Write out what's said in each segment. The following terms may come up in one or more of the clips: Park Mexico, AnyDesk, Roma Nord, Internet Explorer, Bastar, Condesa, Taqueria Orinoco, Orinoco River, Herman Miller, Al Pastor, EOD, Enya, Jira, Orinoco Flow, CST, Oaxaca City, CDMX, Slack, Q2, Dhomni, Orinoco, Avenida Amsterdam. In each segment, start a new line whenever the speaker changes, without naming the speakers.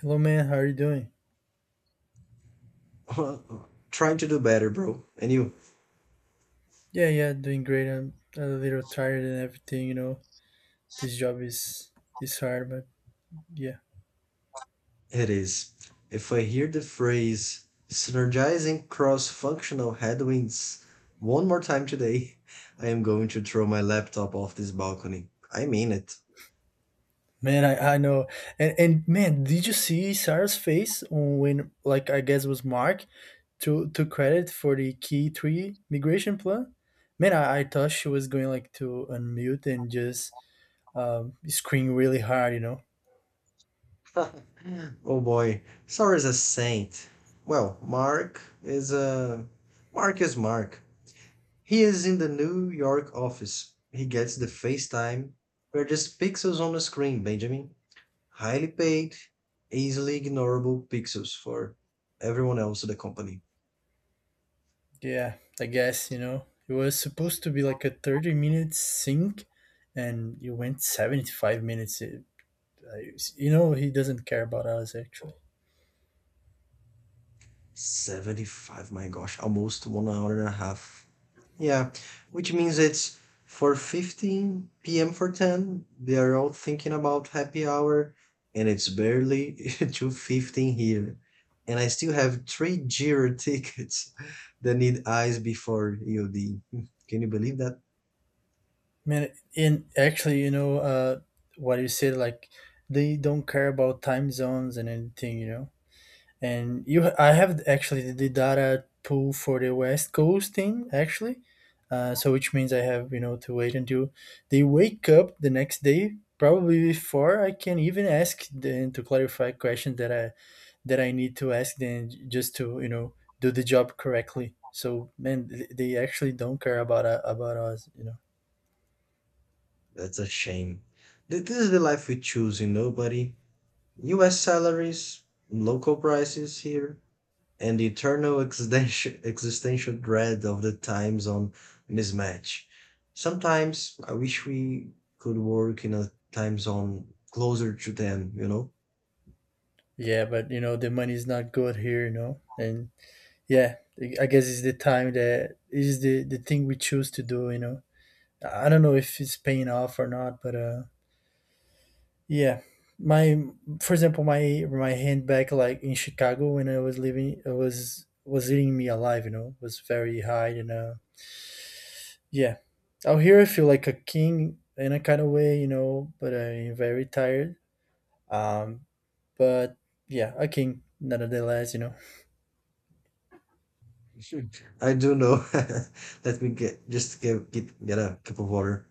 Hello, man. How are you doing?
Trying to do better, bro. And you?
Yeah, yeah, doing great. I'm a little tired and everything. You know, this job is hard, but yeah,
It is. If I hear the phrase synergizing cross functional headwinds one more time today, I am going to throw my laptop off this balcony. I mean it.
man, I know. And man, did you see Sarah's face when like I guess it was Mark to took credit for the key three migration plan? Man, I thought she was going like to unmute and just scream really hard. You know.
Oh boy, Sarah is a saint. Well, Mark is a. Mark is Mark. He is in the New York office. He gets the FaceTime. We're just pixels on the screen, Benjamin, highly paid, easily ignorable pixels for everyone else in the company.
Yeah, I guess, you know, it was supposed to be like a 30-minute sync and you went 75 minutes. I, you know, he doesn't care about us actually.
75, my gosh, almost 1 hour and a half. Yeah, which means it's 4:15 p.m. for 10. They are all thinking about happy hour, and it's barely 2:15 here. And I still have three Jira tickets that need eyes before EOD. Can you believe that?
Man, and actually, you know, what you said, like they don't care about time zones and anything, you know. And you, I have actually the data pool for the West Coast team actually, so which means I have you know to wait until they wake up the next day, probably before I can even ask them to clarify questions that I need to ask them just to you know do the job correctly. So man, they actually don't care about us, you know.
That's a shame. This is the life we choose, you know, buddy. US salaries, local prices here, and the eternal existential dread of the time zone mismatch. Sometimes I wish we could work in a time zone closer to them, you know?
Yeah, but you know the money is not good here, you know, and yeah, I guess it's the time that is the thing we choose to do, you know. I don't know if it's paying off or not, but yeah, my for example, my handbag like in Chicago when I was living, it was eating me alive. You know, was very high, and yeah, out here I feel like a king in a kind of way, you know, but I'm very tired. Um, but yeah, a king nonetheless, you know.
I do know. Let me get just get a cup of water.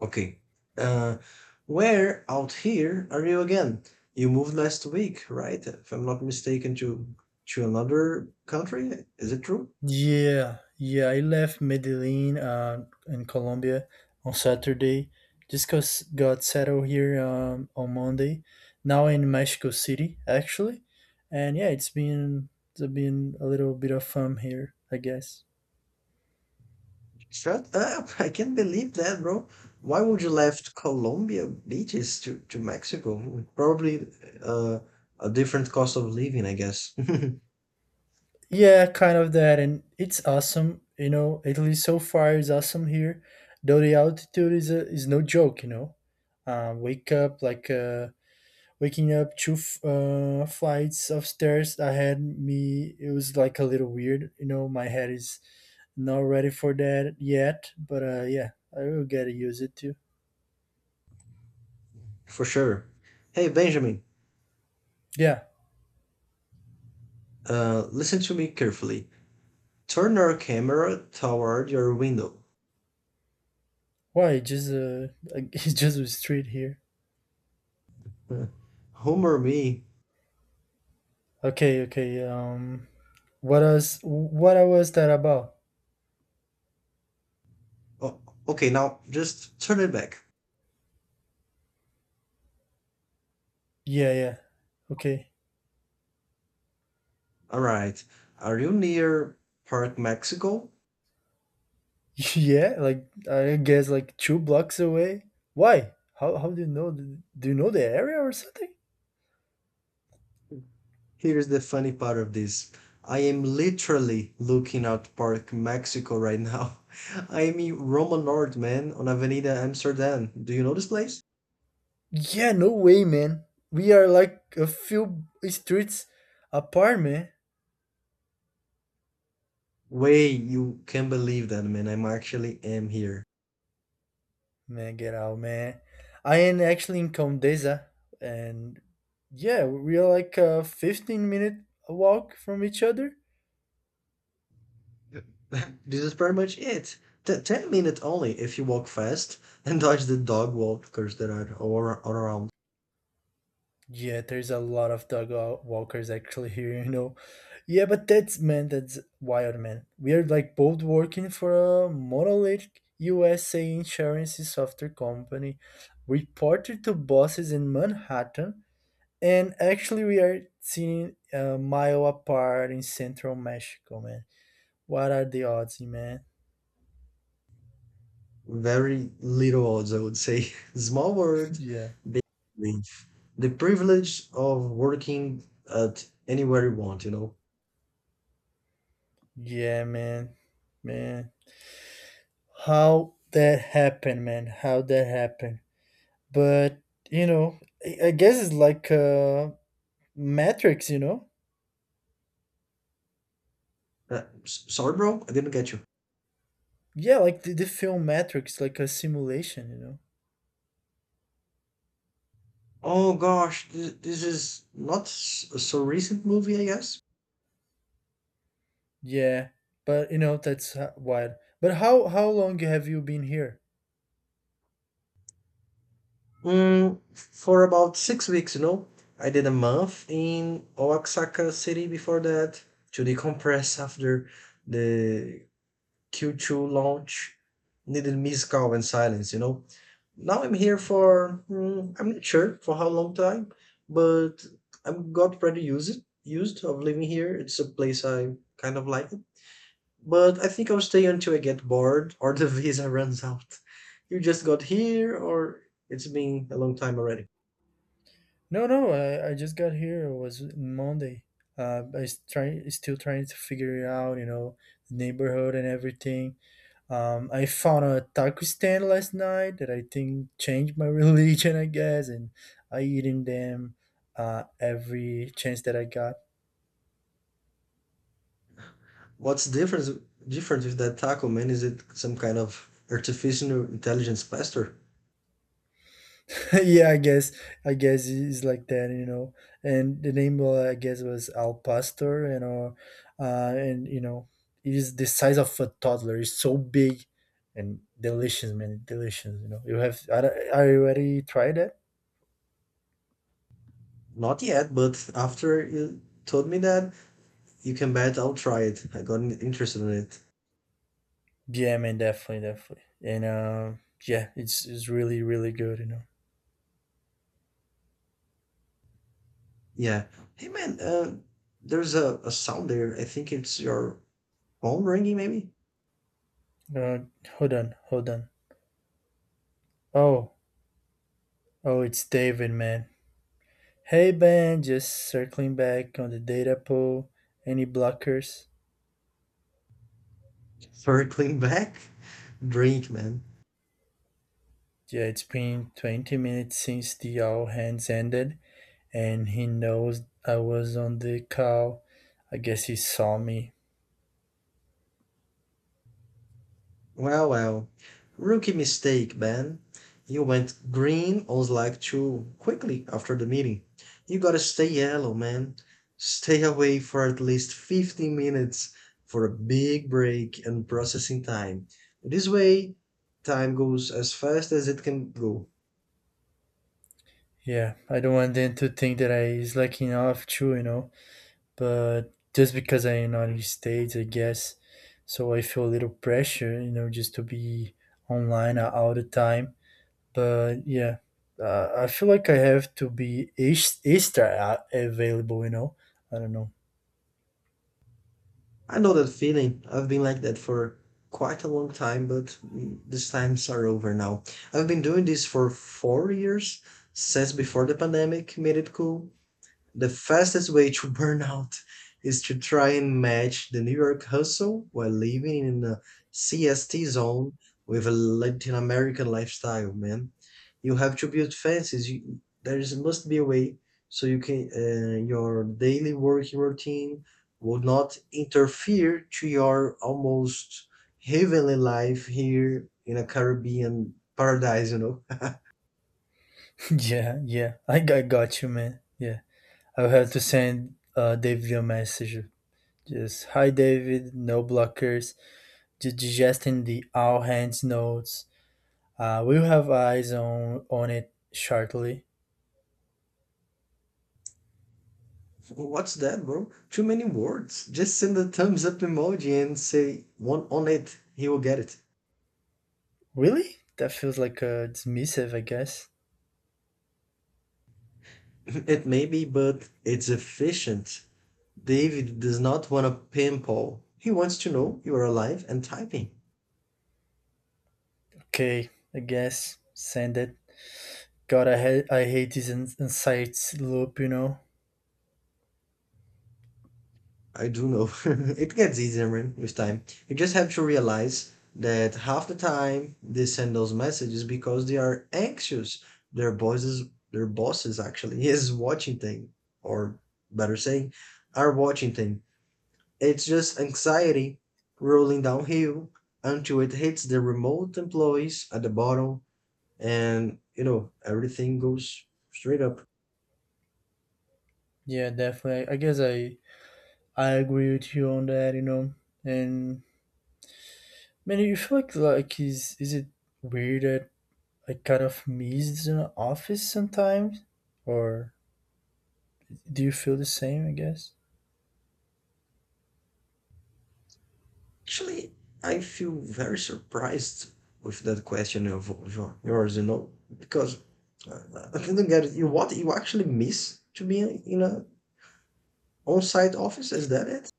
Okay. Uh, where out here are you again? You moved last week, right? If I'm not mistaken, to another country. Is it true?
Yeah, yeah, I left Medellin in Colombia on Saturday. Just cause got settled here on Monday. Now in Mexico City, actually, and yeah, it's been a little bit of fun here, I guess.
Shut up! I can't believe that, bro. Why would you left Colombia beaches to Mexico? Probably uh, a different cost of living, I guess.
Yeah, kind of that, and it's awesome. You know, Italy so far is awesome here, though the altitude is no joke. You know, wake up waking up flights of stairs ahead me. It was like a little weird. You know, my head is not ready for that yet, but uh, yeah, I will get to use it too.
For sure. Hey, Benjamin,
Yeah,
listen to me carefully. Turn your camera toward your window.
why just it's just a street here.
Huh. Humor me.
Okay, okay. What else? What was that about?
Oh, okay, now just turn it back.
Yeah, yeah, okay.
All right. Are you near Park Mexico?
yeah, like I guess like two blocks away. Why How do you know do you know the area or something?
Here's the funny part of this. I am literally looking at Park Mexico right now. I am in Roma Nord, man, on Avenida Amsterdam. Do you know this place?
Yeah, no way, man. We are like a few streets apart, man.
Way, you can't believe that, man. I'm actually am here.
Man, get out, man. I am actually in Condesa, and yeah, we are like a 15-minute walk from each other.
This is pretty much it. 10 minutes only if you walk fast and dodge the dog walkers that are all around.
Yeah, there's a lot of walkers actually here, you know. Yeah, but that's man, that's wild, man. We are like both working for a monolithic USA insurance software company, reported to bosses in Manhattan. And actually, we are sitting a mile apart in central Mexico, man. What are the odds, man?
Very little odds, I would say. Small world.
Yeah.
The privilege of working at anywhere you want, you know.
Yeah, man. Man. How that happened, man. How that happened. But, you know, I guess it's like Matrix, you know?
Uh, Sorry, bro, I didn't get you.
Yeah, like the film Matrix, like a simulation, you know?
Oh gosh, this is not a so recent movie, I guess.
Yeah. But, you know, wild. But how long have you been here?
For about 6 weeks, you know, I did a month in Oaxaca City before that to decompress after the Q2 launch. Needed musical and silence, you know. Now I'm here for I'm not sure for how long time, but I'm got pretty used of living here. It's a place I kind of like. But I think I'll stay until I get bored or the visa runs out. You just got here, or it's been a long time already.
No, no, I just got here. It was Monday. I s- try still trying to figure it out, you know, the neighborhood and everything. I found a taco stand last night that I think changed my religion, I guess, and I eating them every chance that I got.
What's difference different with that taco, man? Is it some kind of artificial intelligence plaster?
yeah, I guess it's like that, you know. And the name, was Al Pastor, you know, and you know, it is the size of a toddler. It's so big and delicious, man, delicious. You know, are you already tried it?
Not yet, but after you told me that, you can bet I'll try it. I got interested in it.
Yeah, man, definitely, definitely. And yeah, it's really good, you know.
Yeah. Hey, man. There's a sound there. I think it's your phone ringing, maybe.
Hold on, hold on. Oh, oh, it's David, man. Hey, Ben, just circling back on the data pool. Any blockers?
Circling back. Drink, man.
Yeah, it's been 20 minutes since the all hands ended, and he knows I was on the call. I guess he saw me.
Well, well. Rookie mistake, Ben. You went green on Slack too quickly after the meeting. You gotta stay yellow, man. Stay away for at least 15 minutes for a big break and processing time. This way, time goes as fast as it can go.
Yeah, I don't want them to think that I is slacking off too, you know, but just because I am not in the United States, I guess. So I feel a little pressure, you know, just to be online all the time. But yeah, I feel like I have to be extra available, you know. I don't know.
I know that feeling. I've been like that for quite a long time, but these times are over now. I've been doing this for 4 years since before the pandemic made it cool. The fastest way to burnout is to try and match the New York hustle while living in a CST zone with a Latin American lifestyle, man. You have to build fences. You, there is, must be a way so you can your daily working routine will not interfere to your almost heavenly life here in a Caribbean paradise, you know.
yeah, yeah, got you, man. Yeah. I'll have to send David a message. Just hi, David. No blockers. Just digesting the all hands notes. We'll have eyes on it shortly.
What's that, bro? Too many words. Just send a thumbs up emoji and say one on it. He will get it.
Really? That feels like a dismissive, I guess.
It may be, but it's efficient. David does not want a pimple. He wants to know you are alive and typing.
Okay, I guess send it. God, I hate this insights loop. You know.
I do know. It gets easier, man, with time. You just have to realize that half the time they send those messages because they are anxious. Their bosses actually is watching thing, or better saying, are watching thing. It's just anxiety rolling downhill until it hits the remote employees at the bottom and you know everything goes straight up.
Yeah, definitely. I agree with you on that. You know, and man, you feel like is it weird that I kind of miss the office sometimes, or do you feel the same? I guess.
Actually, I feel very surprised with that question of yours, you know, because uh, I didn't get it. You what you actually miss to be in a on-site office? Is that it?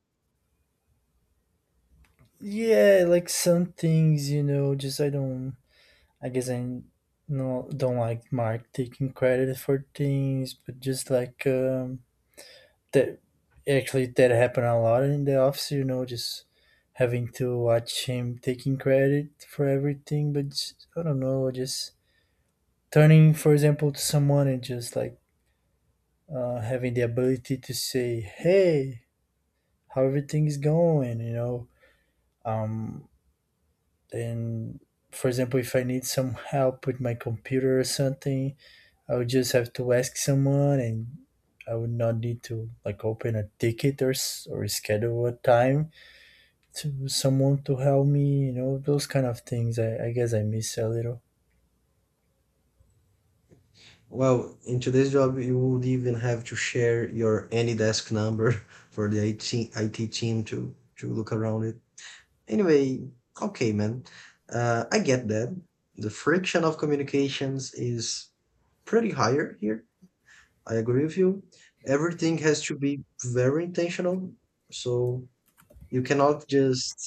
Yeah, like some things, you know, just I don't. I guess I no don't like Mark taking credit for things, but just like that. Actually, that happened a lot in the office. You know, just having to watch him taking credit for everything, but just, I don't know, just turning, for example, to someone and just like having the ability to say, "Hey, how everything is going, you know. Um, and for example, if I need some help with my computer or something, I would just have to ask someone, and I would not need to like open a ticket or or schedule a time to someone to help me. You know, those kind of things. I guess I miss a little.
Well, in today's job, you would even have to share your AnyDesk number for the IT team to look around it. Anyway, okay, man. I get that. The friction of communications is pretty higher here. I agree with you. Everything has to be very intentional. So you cannot just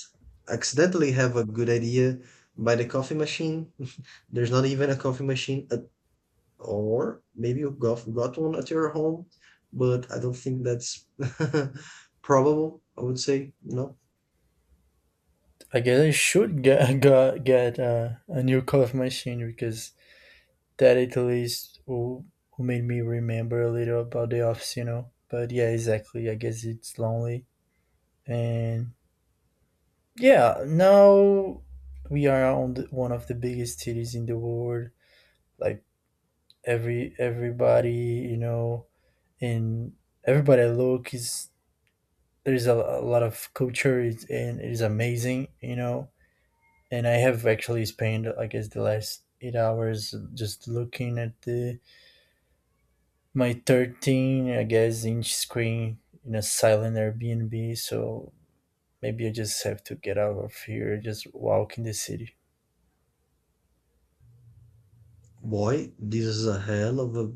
accidentally have a good idea by the coffee machine. There's not even a coffee machine at, or maybe you got one at your home, but I don't think that's probable, I would say, no.
I guess I should get get a new coffee machine because that at least made me remember a little about the office, you know. But yeah, exactly. I guess it's lonely. And yeah, now we are on one of the biggest cities in the world. Like everybody, you know, and everybody I look is a lot of culture and it is amazing, you know. And I have actually spent, I guess, the last 8 hours just looking at the my 13 I guess inch screen in a silent airbnb. So maybe I just have to get out of here, just walk in the city,
Boy, this is a hell of a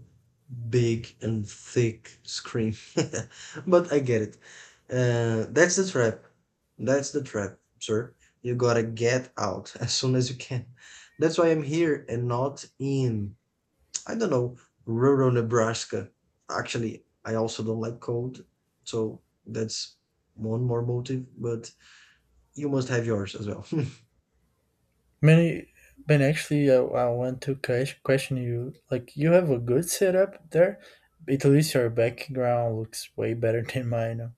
big and thick scream. But I get it. That's the trap. That's the trap, sir. You gotta get out as soon as you can. That's why I'm here and not in, I don't know, rural Nebraska. Actually, I also don't like cold, so that's one more motive, but you must have yours as well.
man. But actually I want to question you, like you have a good setup there. At least your background looks way better than mine.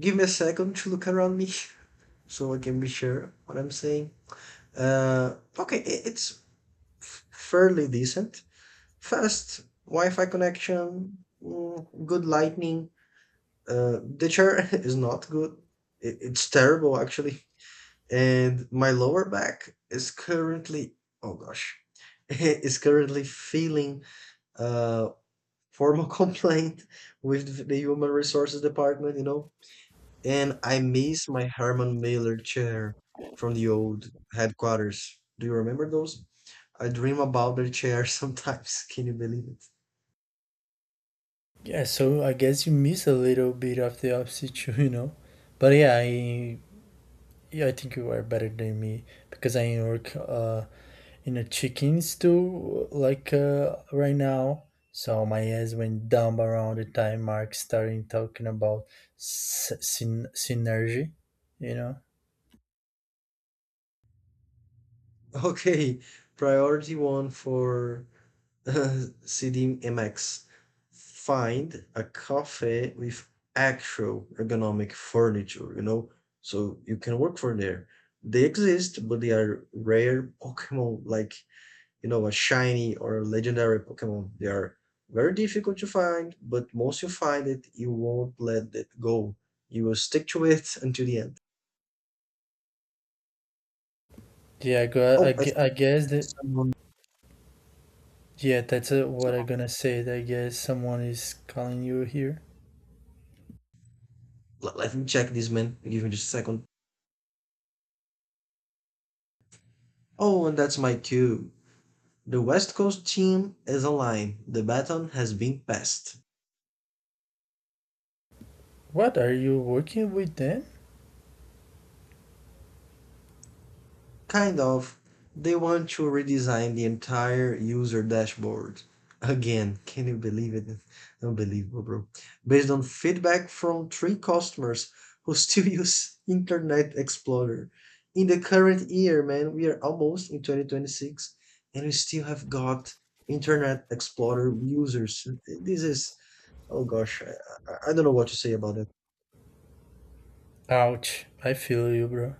Give me a second to look around me so I can be sure what I'm saying. Okay, it's fairly decent. Fast Wi-Fi connection, good lightning. The chair is not good. It's terrible actually. And my lower back, oh gosh, is currently feeling uh, formal complaint with the human resources department. You know, and I miss my Herman Miller chair from the old headquarters. Do you remember those? I dream about their chair sometimes. Can you believe it?
Yeah, so I guess you miss a little bit of the opposite too, you know. But yeah, I think you are better than me because I work in a chicken stew like right now. So my eyes went down around the time Mark started talking about synergy, you know?
Okay, priority one for CDMX. Find a cafe with actual ergonomic furniture, you know, so you can work from there. They exist, but they are rare Pokemon like a shiny or a legendary Pokemon. They are very difficult to find, but once you find it, you won't let it go. You will stick to it until the end.
Yeah, I, go. I,
Oh, I
gu- I
think
guess
there's
that,
someone.
yeah, that's what I'm gonna say. That I guess someone is calling you here.
Let me check this, man. Give me just a second. Oh, and that's my cue. The West Coast team is online. The baton has been passed.
What are you working with then?
Kind of. They want to redesign the entire user dashboard. Again, can you believe it? Unbelievable, bro. Based on feedback from three customers who still use Internet Explorer. In the current year, man, we are almost in 2026 and we still have got Internet Explorer users. This is, oh gosh, I don't know what to say about it.
Ouch, I feel you, bro.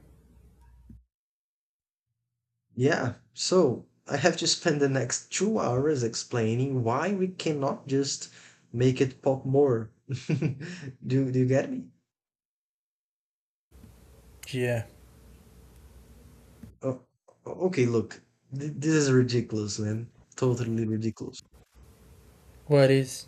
Yeah, so I have to spend the next 2 hours explaining why we cannot just make it pop more. Do you get me?
Yeah,
Oh, okay, look, this is ridiculous, man. Totally ridiculous.
what is?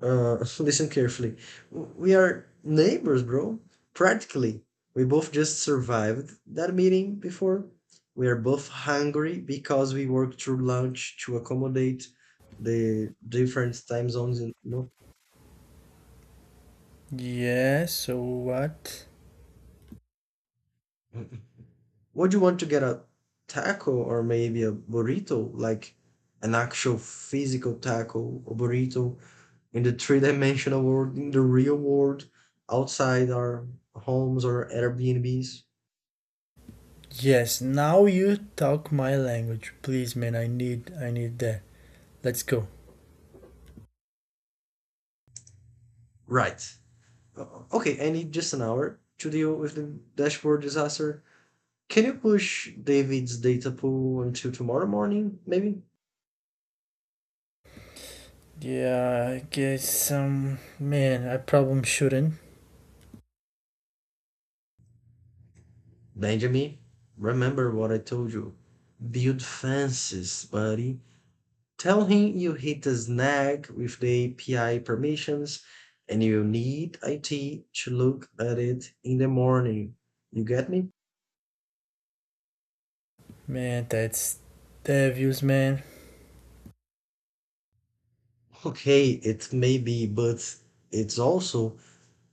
Listen carefully. We are neighbors, bro. Practically. We both just survived that meeting before. We are both hungry because we worked through lunch to accommodate the different time zones, and you
Yeah, so what?
know. Would you want to get a taco or maybe a burrito, like an actual physical taco or burrito in the three-dimensional world, in the real world, outside our homes or Airbnbs?
Yes, now you talk my language, please, man. I need that. Let's go.
Right. Okay, I need just an hour to deal with the dashboard disaster. Can you push David's data pool until tomorrow morning, maybe?
Yeah, I guess man, I probably shouldn't.
Benjamin, remember what I told you. Build fences, buddy. Tell him you hit a snag with the API permissions and you'll need IT to look at it in the morning. You get me?
Man, that's the views man.
Okay, it may be, but it's also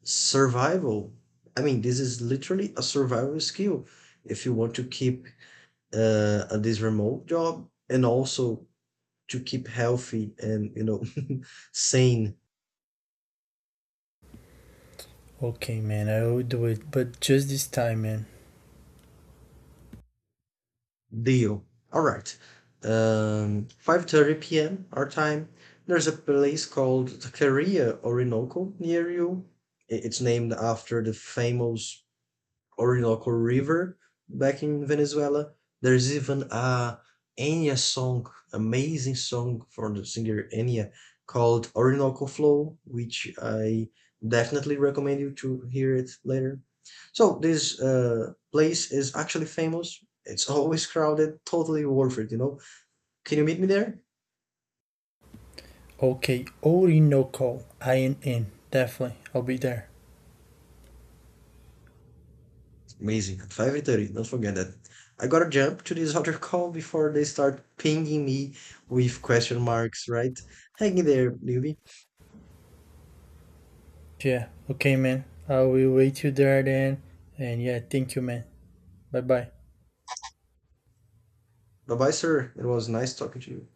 survival. I mean, this is literally a survival skill if you want to keep this remote job and also to keep healthy and sane.
Okay man, I will do it. But just this time man.
Deal. All right. 5:30 p.m. our time. There's a place called Taqueria Orinoco near you. It's named after the famous Orinoco River back in Venezuela. There's even a Enya song, amazing song from the singer Enya called Orinoco Flow, which I definitely recommend you to hear it later. So this place is actually famous. It's always crowded, totally worth it, you know. Can you meet me there?
Okay, Orinoco. I am in. Definitely. I'll be there.
Amazing. At 5:30, don't forget that. I gotta jump to this other call before they start pinging me with question marks, right? Hang in there, newbie.
Yeah. Okay man. I will wait you there then. And yeah, thank you man. Bye bye.
Bye bye, sir. It was nice talking to you.